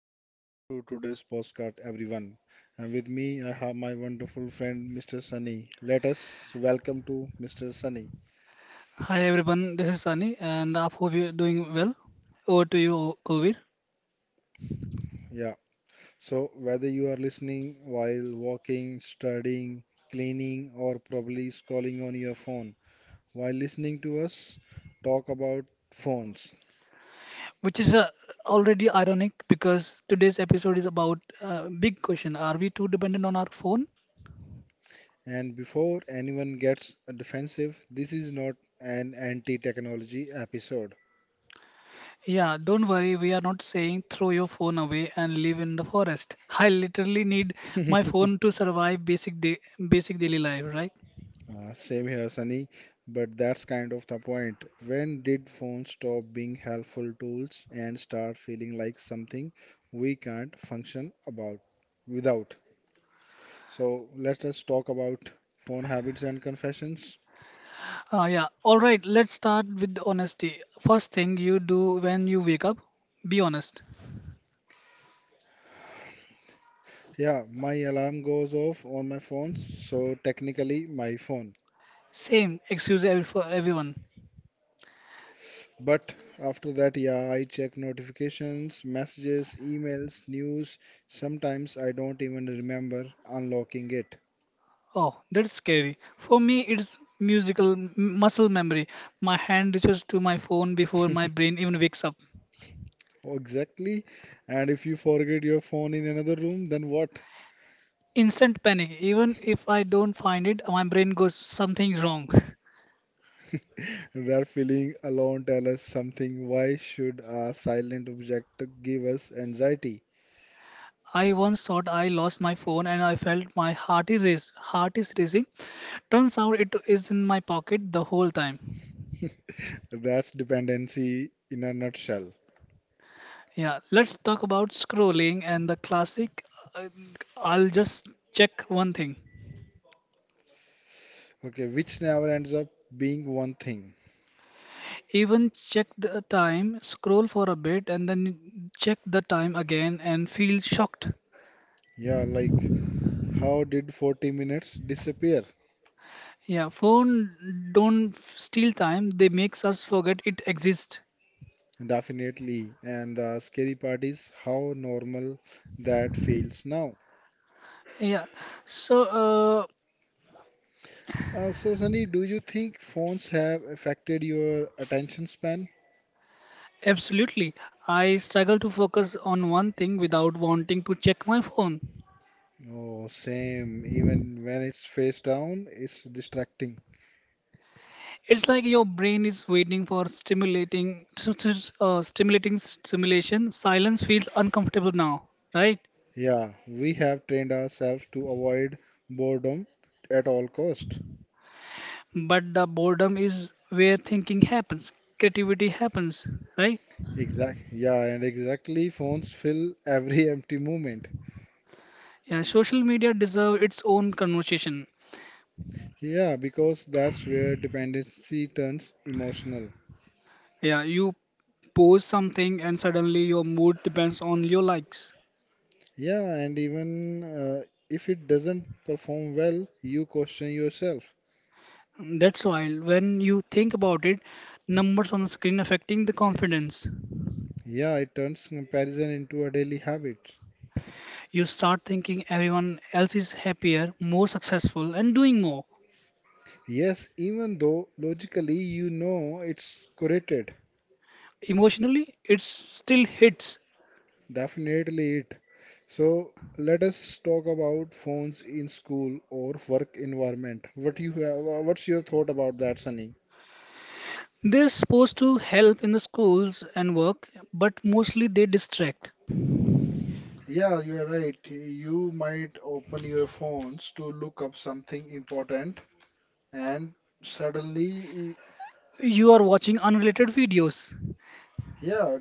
and welcome to today's postcard everyone. And with me I have my wonderful friend Mr. Sunny. Let us welcome to Mr. Sunny. Hi everyone, this is Sunny, and I hope you're doing well. Over to you, Kulveer. Yeah. So whether you are listening while walking, studying, cleaning or probably scrolling on your phone while listening to us talk about phones. Which is already ironic because today's episode is about big question. Are we too dependent on our phone? And before anyone gets defensive, this is not an anti-technology episode. Yeah, don't worry, we are not saying throw your phone away and live in the forest. I literally need my phone to survive basic basic daily life, right? Same here, Sunny, but that's kind of the point. When did phones stop being helpful tools and start feeling like something we can't function about without? So let us talk about phone habits and confessions. Yeah. All right, let's start with the honesty. First thing you do when you wake up, be honest. Yeah, my alarm goes off on my phone, so technically my phone. Same excuse every, for everyone. But after that, yeah, I check notifications, messages, emails, news. Sometimes I don't even remember unlocking it. Oh, that's scary. For me, it's musical muscle memory. My hand reaches to my phone before my brain even wakes up. Oh, exactly. And if you forget your phone in another room, then what? Instant panic. Even if I don't find it, my brain goes something's wrong. That feeling alone tell us something. Why should a silent object give us anxiety? I once thought I lost my phone and I felt my heart is racing. Turns out it is in my pocket the whole time. That's dependency in a nutshell. Yeah, let's talk about scrolling and the classic. uh, I'll just check one thing. Okay, which never ends up being one thing. Even check the time, scroll for a bit, and then check the time again and feel shocked. Yeah, like how did 40 minutes disappear? Yeah, phone don't steal time, they makes us forget it exists. Definitely. And the scary part is how normal that feels now. Yeah. So, uh, So, Sunny, do you think phones have affected your attention span? Absolutely. I struggle to focus on one thing without wanting to check my phone. Oh, same. Even when it's face down, it's distracting. It's like your brain is waiting for stimulating stimulation. Silence feels uncomfortable now, right? Yeah, we have trained ourselves to avoid boredom at all cost. But the boredom is where thinking happens, creativity happens, right? Exact. Yeah, and exactly, phones fill every empty moment. Yeah, social media deserve its own conversation. Yeah, because that's where dependency turns emotional. Yeah, you post something and suddenly your mood depends on your likes. Yeah, and even if it doesn't perform well, you question yourself. That's why when you think about it, numbers on the screen affecting the confidence. Yeah, it turns comparison into a daily habit. You start thinking everyone else is happier, more successful, and doing more. Yes, even though logically you know it's correlated, Emotionally, it still hits. definitely it. So let us talk about phones in school or work environment. What you have, what's your thought about that, Sunny? They're supposed to help in the schools and work, but mostly they distract. Yeah, you are right. You might open your phones to look up something important, and suddenly, You are watching unrelated videos. yeah.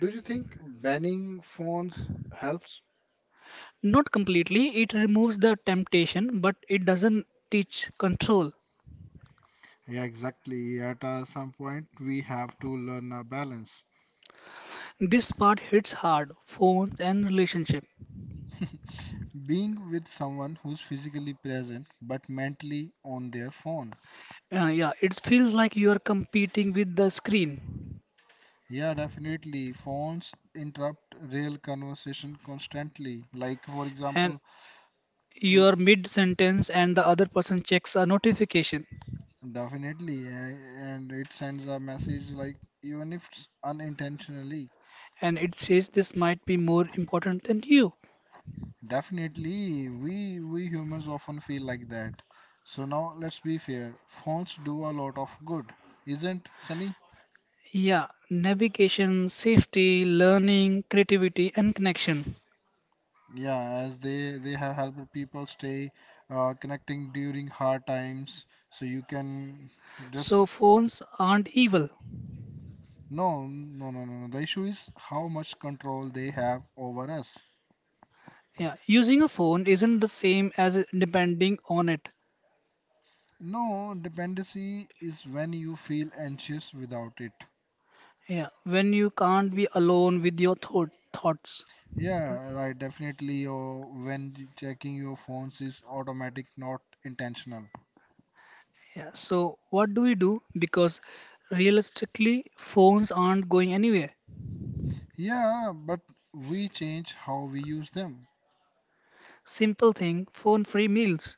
Do you think banning phones helps? Not completely, it removes the temptation, but it doesn't teach control. Yeah, exactly. At some point, we have to learn a balance. This part hits hard, phones and relationship. Being with someone who's physically present but mentally on their phone. Yeah, it feels like you are competing with the screen Yeah, definitely. Phones interrupt real conversation constantly. Like, for and example, you l- are mid sentence and the other person checks a notification definitely, and it sends a message like even if it's unintentionally. and it says this might be more important than you. Definitely, we humans often feel like that. So now let's be fair. Phones do a lot of good, isn't Sunny? Yeah, navigation, safety, learning, creativity, and connection. Yeah, as they have helped people stay connecting during hard times. So you can just So, phones aren't evil. no, no, no, no, no. The issue is how much control they have over us. Yeah, using a phone isn't the same as depending on it. No, dependency is when you feel anxious without it. Yeah, when you can't be alone with your thoughts. Yeah, right. Definitely, oh, when checking your phones is automatic, not intentional. Yeah, so what do we do? Because realistically, phones aren't going anywhere. Yeah, but we change how we use them. Simple thing, phone-free meals,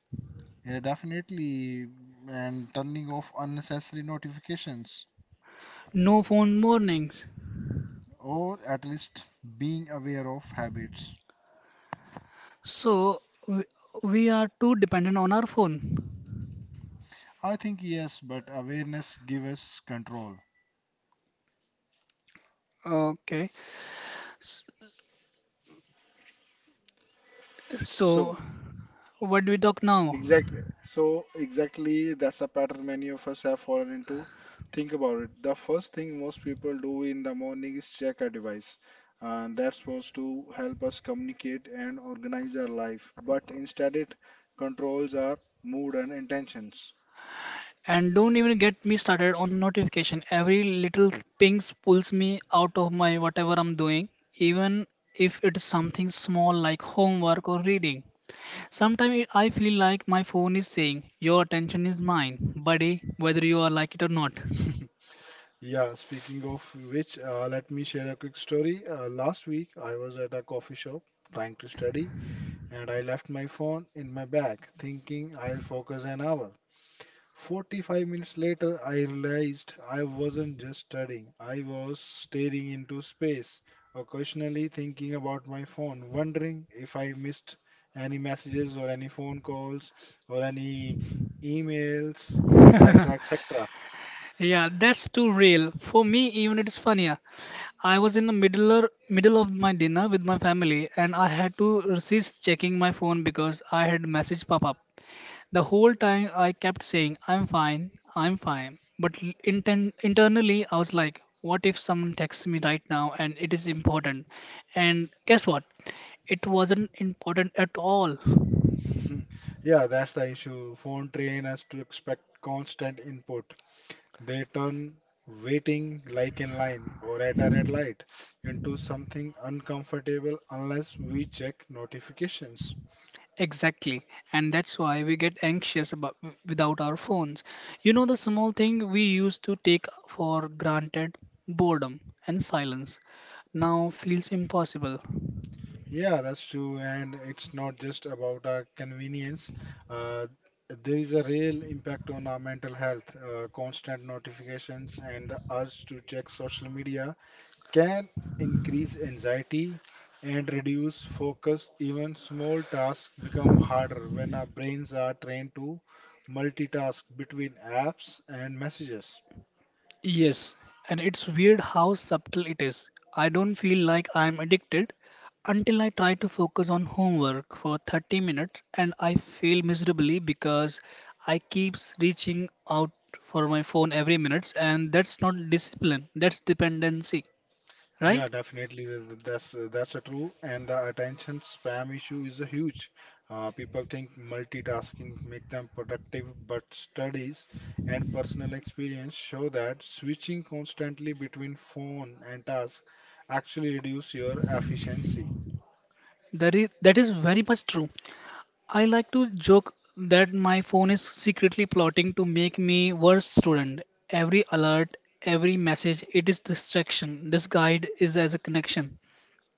Yeah, definitely. And turning off unnecessary notifications, no phone mornings. or at least being aware of habits. So we, we are too dependent on our phone. I think yes, but awareness gives us control. Okay, s- So, so what do we talk now? exactly. So exactly that's a pattern many of us have fallen into. Think about it. The first thing most people do in the morning is check a device. That's supposed to help us communicate and organize our life, but instead it controls our mood and intentions. And don't even get me started on notification. Every little pings pulls me out of my whatever I'm doing, even if it's something small like homework or reading. Sometimes I feel like my phone is saying, "Your attention is mine, buddy, whether you are like it or not." Yeah, speaking of which, let me share a quick story. Last week, I was at a coffee shop trying to study, and I left my phone in my bag, thinking I'll focus an hour. 45 minutes later, I realized I wasn't just studying, I was staring into space, occasionally thinking about my phone, wondering if I missed any messages or any phone calls or any emails, etc. etc. Yeah, that's too real. For me, even it's funnier. I was in the middle of my dinner with my family, and I had to resist checking my phone because I had message pop up. The whole time I kept saying, I'm fine," but internally I was like, "What if someone texts me right now and it is important?" And guess what? It wasn't important at all. Yeah, that's the issue. Phone train us to expect constant input. They turn waiting like in line or at a red light into something uncomfortable unless we check notifications. Exactly, and that's why we get anxious about without our phones. You know the small thing we used to take for granted boredom and silence. Now feels impossible. Yeah, that's true, and it's not just about a convenience. Uh, there is a real impact on our mental health. Constant notifications and the urge to check social media can increase anxiety and reduce focus. Even small tasks become harder when our brains are trained to multitask between apps and messages. Yes, and it's weird how subtle it is. I don't feel like I'm addicted until I try to focus on homework for 30 minutes and I fail miserably because I keeps reaching out for my phone every minute and that's not discipline, that's dependency, Yeah, right? definitely. That's a true. And the attention spam issue is a huge. People think multitasking make them productive, but studies and personal experience show that switching constantly between phone and task actually reduce your efficiency. That is very much true. I like to joke that my phone is secretly plotting to make me worse student. Every alert, every message, it is distraction. This guide is as a connection.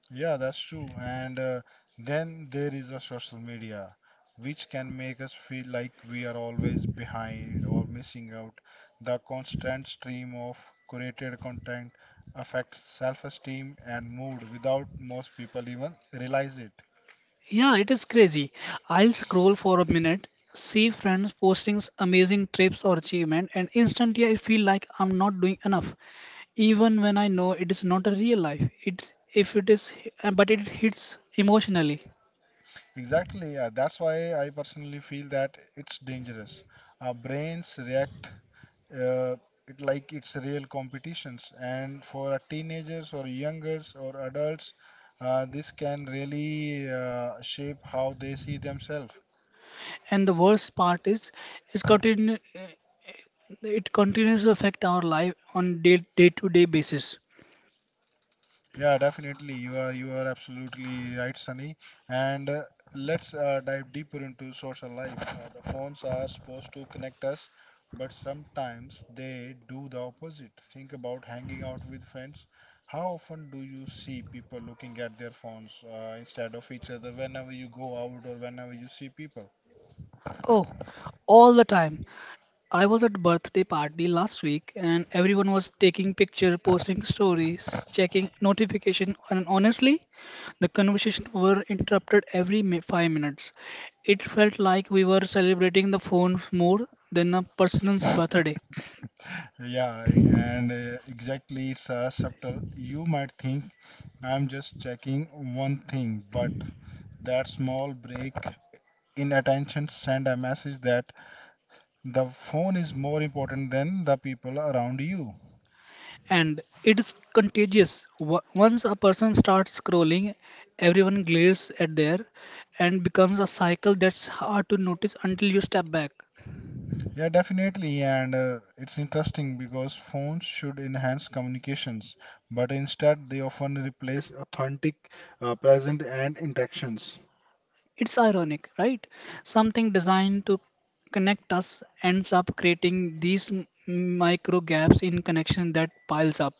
Yeah, that's true. And then there is a social media, which can make us feel like we are always behind or missing out. The constant stream of curated content affects self-esteem and mood without most people even realize it. Yeah, it is crazy. I'll scroll for a minute, see friends posting amazing trips or achievement, and instantly I feel like I'm not doing enough, even when I know it is not a real life. It if it is, but it hits emotionally. Exactly, yeah. That's why I personally feel that it's dangerous. Our brains react uh, it like it's real competitions and for a teenagers or youngers or adults this can really shape how they see themselves. And the worst part is, it's continue. It continues to affect our life on day day to day basis. Yeah, definitely. You are absolutely right, Sunny. And let's dive deeper into social life. The phones are supposed to connect us, but sometimes they do the opposite. Think about hanging out with friends. How often do you see people looking at their phones instead of each other whenever you go out or whenever you see people? Oh, all the time. I was at birthday party last week and everyone was taking picture, posting stories, checking notification and honestly the conversation were interrupted every 5 minutes. It felt like we were celebrating the phone more than a person's birthday Yeah, and exactly, it's subtle. You might think I'm just checking one thing, but that small break inattention, send a message that the phone is more important than the people around you. and it is contagious. Once a person starts scrolling, everyone glares at there and becomes a cycle that's hard to notice until you step back. Yeah, definitely. And it's interesting because phones should enhance communications, but instead they often replace authentic, present, and interactions. It's ironic, right? Something designed to connect us ends up creating these micro gaps in connection that piles up.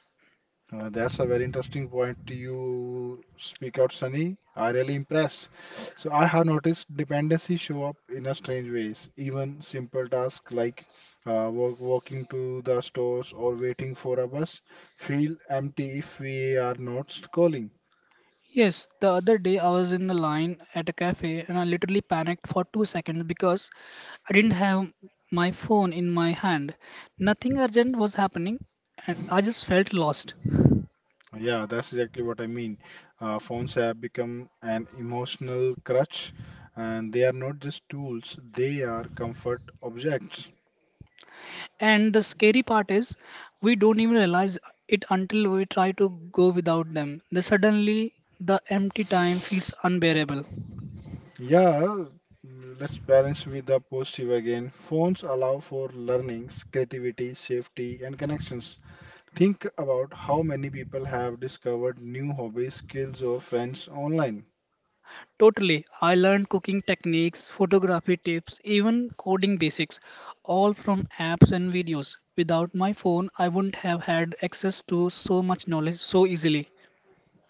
That's a very interesting point you speak out, Sunny. I really impressed. So I have noticed dependency show up in a strange ways. Even simple tasks like walking to the stores or waiting for a bus feel empty if we are not calling. Yes, the other day I was in the line at a cafe and I literally panicked for 2 seconds because I didn't have my phone in my hand. Nothing urgent was happening and I just felt lost. Yeah, that's exactly what I mean. Phones have become an emotional crutch, and they are not just tools; they are comfort objects. And the scary part is, we don't even realize it until we try to go without them. Then suddenly, the empty time feels unbearable. Yeah, let's balance with the positive again. Phones allow for learnings, creativity, safety, and connections. Think about how many people have discovered new hobbies, skills, or friends online. Totally. I learned cooking techniques, photography tips, even coding basics, all from apps and videos. Without my phone, I wouldn't have had access to so much knowledge so easily.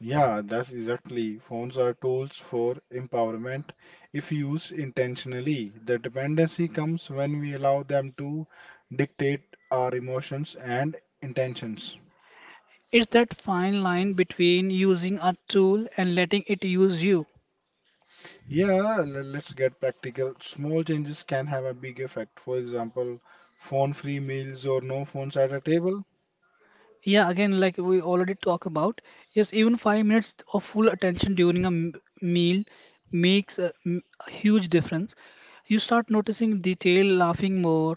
Yeah, that's exactly. Phones are tools for empowerment if used intentionally. The dependency comes when we allow them to dictate our emotions and intentions. It's that fine line between using a tool and letting it use you. Yeah, let's get practical. Small changes can have a big effect. For example, phone-free meals or no phones at a table. Yeah, again, like we already talked about, yes, even 5 minutes of full attention during a meal makes a huge difference. You start noticing detail, laughing more,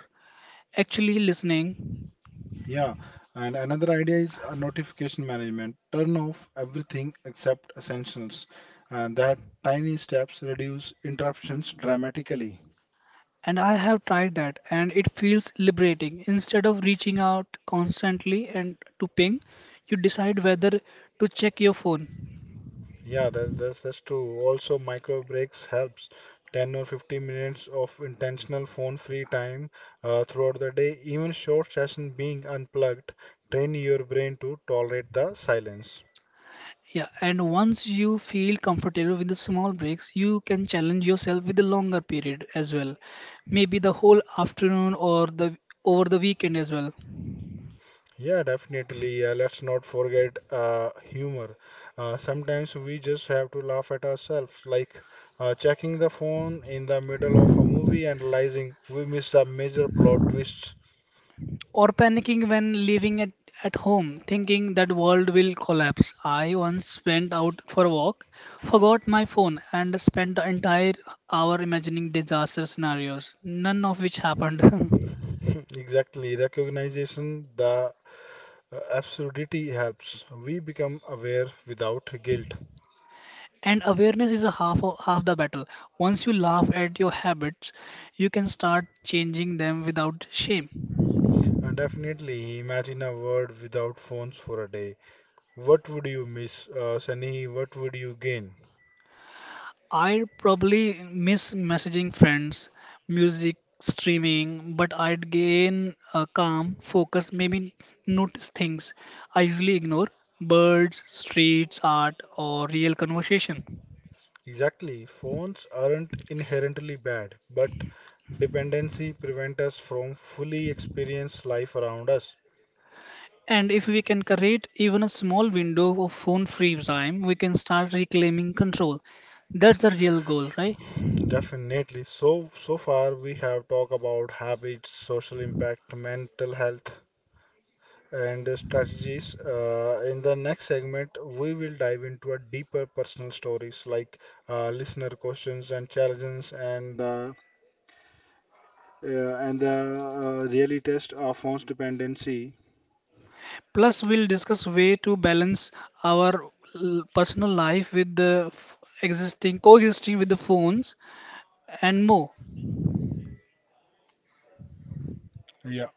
actually listening. Yeah, and another idea is notification management. Turn off everything except essentials. And that tiny steps reduce interruptions dramatically. And I have tried that, and it feels liberating. Instead of reaching out constantly and to ping, you decide whether to check your phone. Yeah, that's true. Also, micro breaks helps. 10 or 15 minutes of intentional phone-free time throughout the day, even short session being unplugged, train your brain to tolerate the silence. Yeah, and once you feel comfortable with the small breaks, you can challenge yourself with a longer period as well. Maybe the whole afternoon or the over the weekend as well. Yeah, definitely. Let's not forget humor. Sometimes we just have to laugh at ourselves, like checking the phone in the middle of a movie and realizing we missed a major plot twist. Or panicking when living at home, thinking that world will collapse. I once went out for a walk, forgot my phone, and spent the entire hour imagining disaster scenarios, none of which happened. Exactly. Recognition, the absurdity helps. We become aware without guilt. And awareness is a half the battle. Once you laugh at your habits, you can start changing them without shame. And definitely, imagine a world without phones for a day. What would you miss, Sunny? What would you gain? I'd probably miss messaging friends, music, streaming, but I'd gain a calm focus, maybe notice things I usually ignore birds, streets, art, or real conversation. Exactly. Phones aren't inherently bad, but dependency prevent us from fully experience life around us. And if we can create even a small window of phone free time, we can start reclaiming control. That's the real goal, right? Definitely. So so far we have talked about habits, social impact, mental health, and strategies. In the next segment, we will dive into a deeper personal stories like listener questions and challenges and the really test of one's dependency. Plus, we'll discuss way to balance our personal life with the f- existing coexisting with the phones and more. Yeah,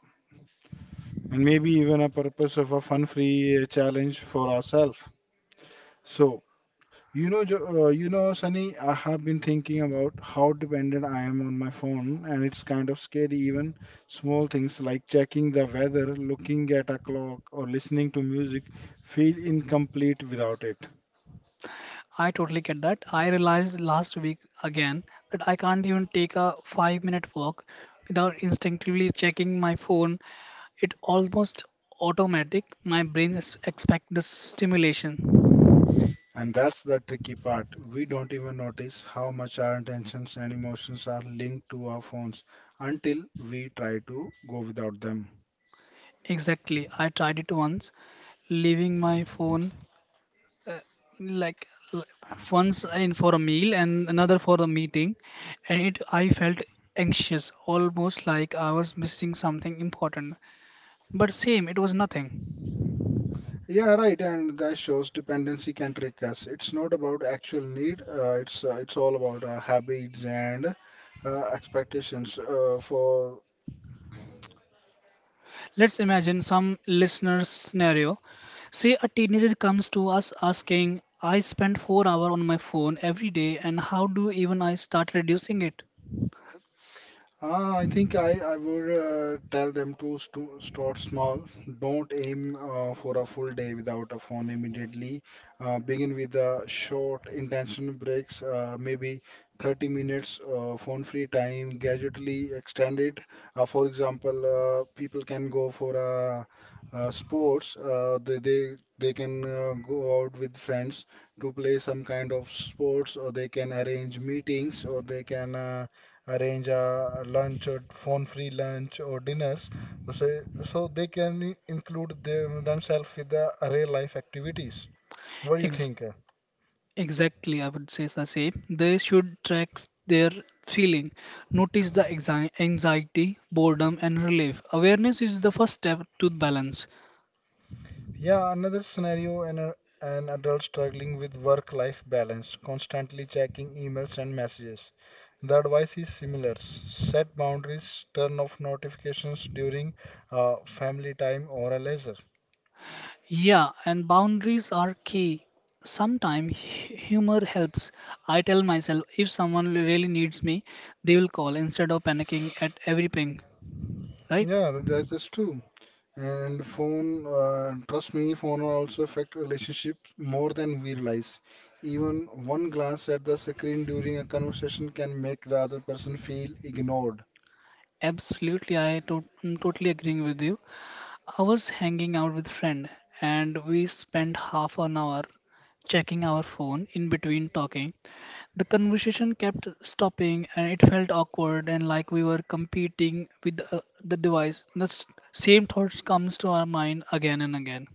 and maybe even a purpose of a fun-free challenge for ourselves. So You know, Sunny, I have been thinking about how dependent I am on my phone, and it's kind of scary. Even small things like checking the weather, looking at a clock, or listening to music feel incomplete without it. I totally get that. I realized last week again that I can't even take a 5 minute walk without instinctively checking my phone. It almost automatic. My brain is expect the stimulation. And that's the tricky part. We don't even notice how much our intentions and emotions are linked to our phones until we try to go without them. Exactly. I tried it once, leaving my phone uh, like l- once in for a meal and another for the meeting, and it I felt anxious, almost like I was missing something important. But same, it was nothing. Yeah, right. And that shows dependency can trick us. It's not about actual need. It's all about our habits and expectations. For Let's imagine some listener's scenario. Say a teenager comes to us asking, I spend 4 hours on my phone every day and how do even I start reducing it? I think I would tell them to st start small. Don't aim for a full day without a phone immediately. Begin with a short intentional breaks, maybe 30 minutes phone-free time, gradually extend it. For example, people can go for a sports they can go out with friends to play some kind of sports or they can arrange meetings or they can arrange a lunch or phone-free lunch or dinners, so they can include themselves with the array life activities. What do you Ex- think? exactly, I would say the same. They should track their feeling. Notice the anxiety, boredom and relief. Awareness is the first step to balance. Yeah, another scenario an adult struggling with work-life balance, constantly checking emails and messages. The advice is similar. Set boundaries, turn off notifications during family time or a leisure. Yeah, and boundaries are key. Sometimes humor helps. I tell myself if someone really needs me, they will call instead of panicking at every ping, right? Yeah, that's true. And phone, trust me, phone are also affect relationships more than we realize. Even one glance at the screen during a conversation can make the other person feel ignored. Absolutely, I'm totally agreeing with you. I was hanging out with friend and we spent half an hour checking our phone in between talking. The conversation kept stopping, and it felt awkward and like we were competing with the device. The same thoughts comes to our mind again and again.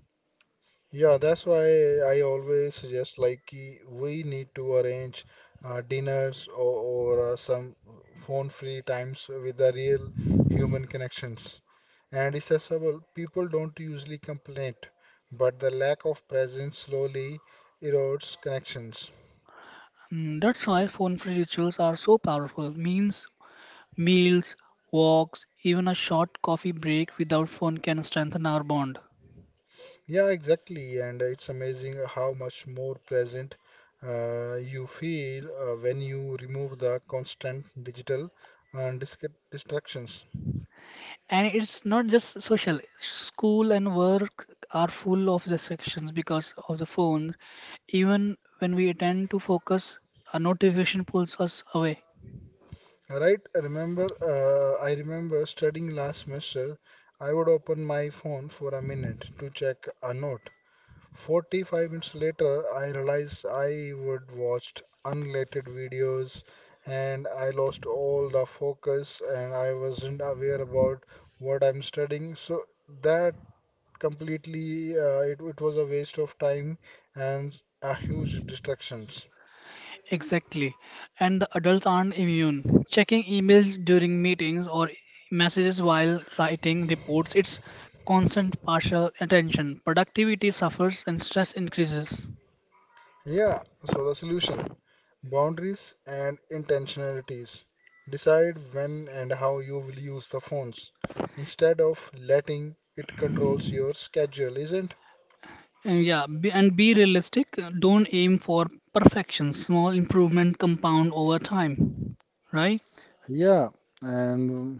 Yeah, that's why I always suggest like ki we need to arrange dinners or some phone-free times with the real human connections. And it's accessible. People don't usually complain, but the lack of presence slowly erodes connections. Mm, that's why phone-free rituals are so powerful. Means Meals, walks, even a short coffee break without phone can strengthen our bond. Yeah, exactly. And it's amazing how much more present you feel when you remove the constant digital and distractions. And it's not just social. School and work are full of distractions because of the phones. Even when we attempt to focus, a notification pulls us away. Right? I remember studying last semester. I would open my phone for a minute to check a note, 45 minutes later, I realized I would watched unrelated videos and I lost all the focus and I wasn't aware about what I'm studying. So that completely it was a waste of time and a huge distractions. Exactly. And the adults aren't immune. Checking emails during meetings or messages while writing reports, it's constant partial attention. Productivity suffers and stress increases. Yeah, so the solution, boundaries and intentionalities. Decide when and how you will use the phones instead of letting it controls your schedule, isn't. And yeah, and be realistic. Don't aim for perfection. Small improvement compound over time, right? Yeah, and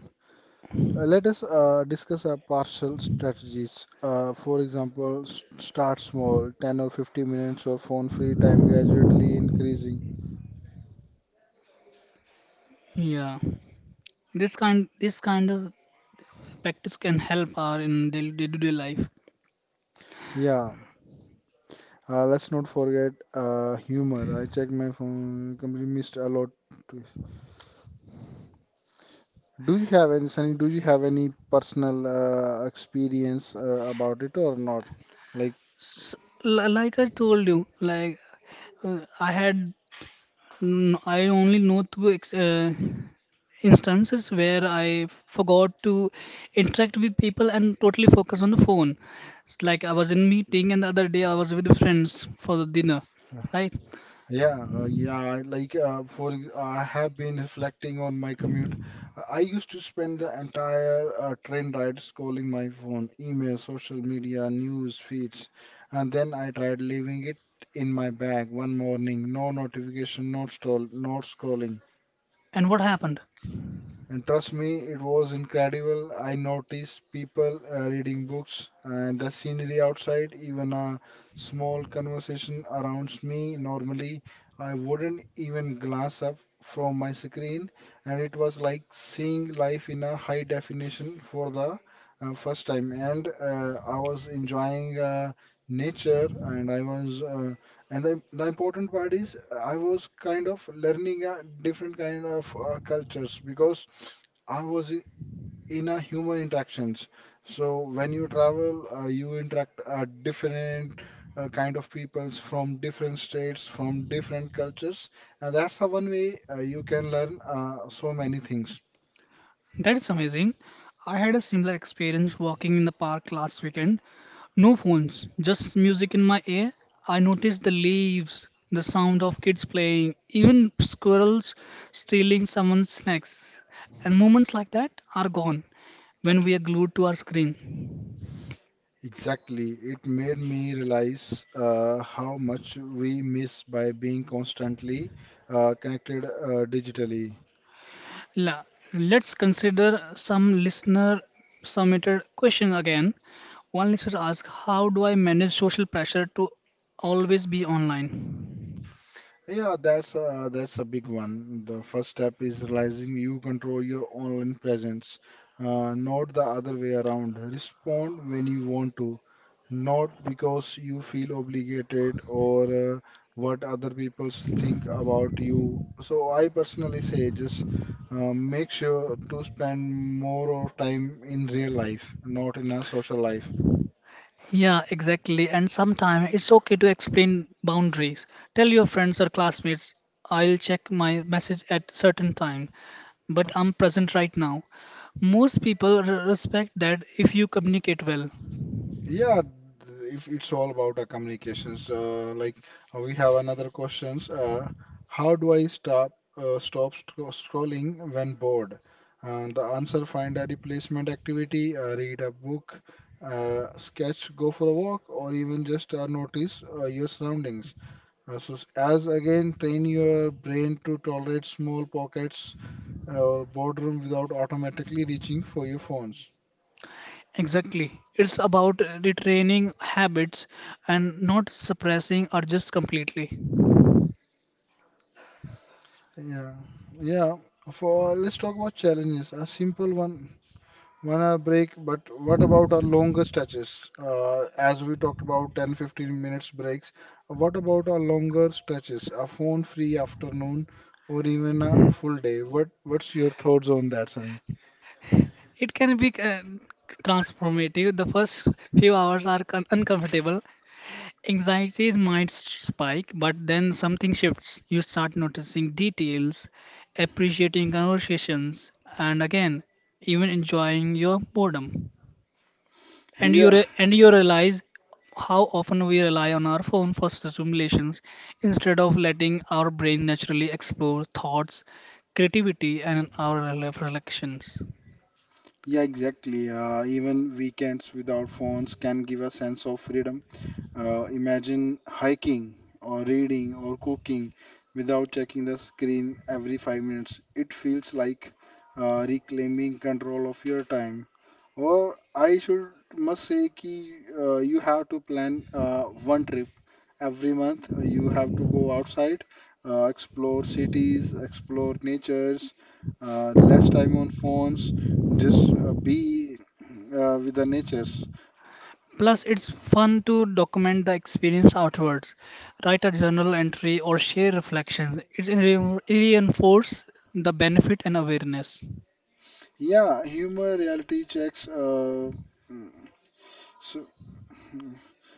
let us discuss our partial strategies. For example, start small, 10 or 50 minutes of phone free time gradually increasing. Yeah. This kind of practice can help our in day-to-day life. Yeah, let's not forget humor. I checked my phone, completely missed a lot. to- Do you have any, Sunny, do you have any personal experience about it or not? Like, S- l like I told you, uh, I had I only know two instances where I forgot to interact with people and totally focus on the phone. Like I was in meeting and the other day I was with friends for the dinner, right? yeah, like for I have been reflecting on my commute. I used to spend the entire train ride scrolling my phone, email, social media, news feeds, and then I tried leaving it in my bag one morning. No notification, no scroll, no scrolling. And what happened? And trust me, it was incredible. I noticed people reading books and the scenery outside, even a small conversation around me. Normally, I wouldn't even glance up from my screen, and it was like seeing life in a high definition for the first time. And I was enjoying nature, and I was, and the important part is, I was kind of learning a different kind of cultures because I was i- in a human interactions. So when you travel, you interact different kind of peoples from different states, from different cultures, and that's the one way you can learn so many things. That is amazing. I had a similar experience walking in the park last weekend. No phones, just music in my ear. I noticed the leaves, the sound of kids playing, even squirrels stealing someone's snacks. And moments like that are gone when we are glued to our screen. Exactly, it made me realize how much we miss by being constantly connected digitally. La- Let's consider some listener submitted question again. One listener asked, how do I manage social pressure to always be online? Yeah, that's a big one. The first step is realizing you control your online presence, not the other way around. Respond when you want to, not because you feel obligated or what other people think about you. So I personally say just make sure to spend more of time in real life, not in a social life. Yeah, exactly. And sometimes it's okay to explain boundaries. Tell your friends or classmates, I'll check my message at certain time, but I'm present right now. Most people respect that if you communicate well. Yeah, if it's all about our communications, like we have another questions. How do I stop scrolling when bored? The answer: find a replacement activity, read a book, sketch, go for a walk, or even just notice your surroundings. As again, train your brain to tolerate small pockets or boredom without automatically reaching for your phones. Exactly. It's about retraining habits and not suppressing urges completely. Yeah, yeah. For let's talk about challenges. A simple one, 1 hour break, but what about our longer stretches? As we talked about 10, 15 minutes breaks, what about our longer stretches? A phone free afternoon or even a full day? What's your thoughts on that, Sunny? It can be transformative. The first few hours are uncomfortable. Anxieties might spike, but then something shifts. You start noticing details, appreciating conversations, and again, even enjoying your boredom. And Yeah, and you realize how often we rely on our phone for stimulations instead of letting our brain naturally explore thoughts creativity and our reflections yeah, exactly. Even weekends without phones can give a sense of freedom. Imagine hiking or reading or cooking without checking the screen every 5 minutes. It feels like reclaiming control of your time. Or I should must say ki, you have to plan one trip every month. You have to go outside, explore cities, explore natures, less time on phones, just be with the natures. plus it's fun to document the experience afterwards write a journal entry or share reflections it reinforces the benefit and awareness. Yeah, humor reality checks. So,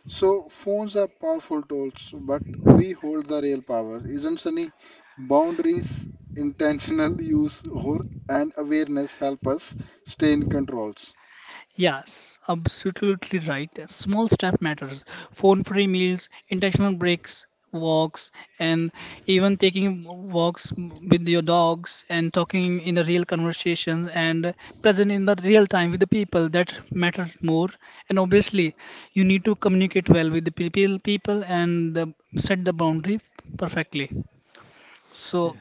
so phones are powerful tools, but we hold the real power, isn't Sunny? Boundaries, intentional use, or and awareness help us stay in controls. Yes, absolutely right. Small step matters. Phone-free meals, intentional breaks, walks, and even taking walks with your dogs and talking in a real conversation and present in the real time with the people that matters more. And obviously, you need to communicate well with the people and set the boundary perfectly. So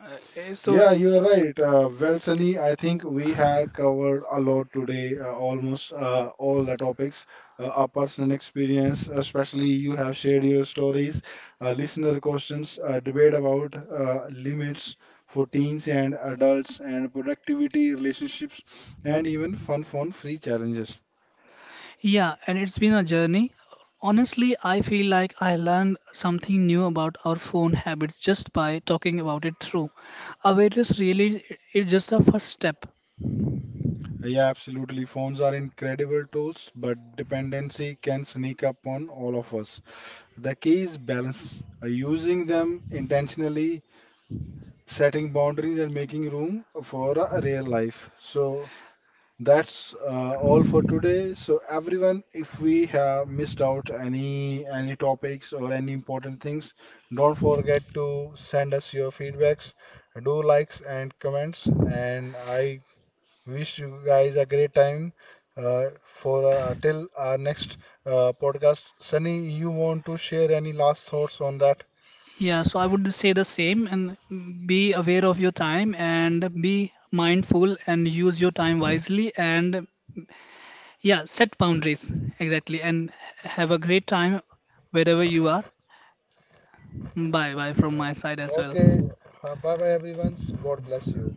uh, eh, so, Yeah, you are right. Well, Sunny, I think we have covered a lot today, almost all the topics. A personal experience, especially you have shared your stories, listener questions, debate about limits for teens and adults, and productivity, relationships, and even fun phone-free challenges. yeah, and it's been a journey. Honestly, I feel like I learned something new about our phone habits just by talking about it through. Awareness really is just a first step. Yeah, absolutely. Phones are incredible tools, but dependency can sneak up on all of us. The key is balance, using them intentionally setting boundaries and making room for a real life. So that's all for today. So everyone, if we have missed out any topics or any important things, don't forget to send us your feedbacks, do likes and comments, and I wish you guys a great time. For till our next podcast, Sunny, you want to share any last thoughts on that? Yeah, so I would say the same and be aware of your time and be mindful and use your time wisely and yeah, set boundaries exactly and have a great time wherever you are. Bye bye from Right. my side as well. Okay, bye bye, everyone. God bless you.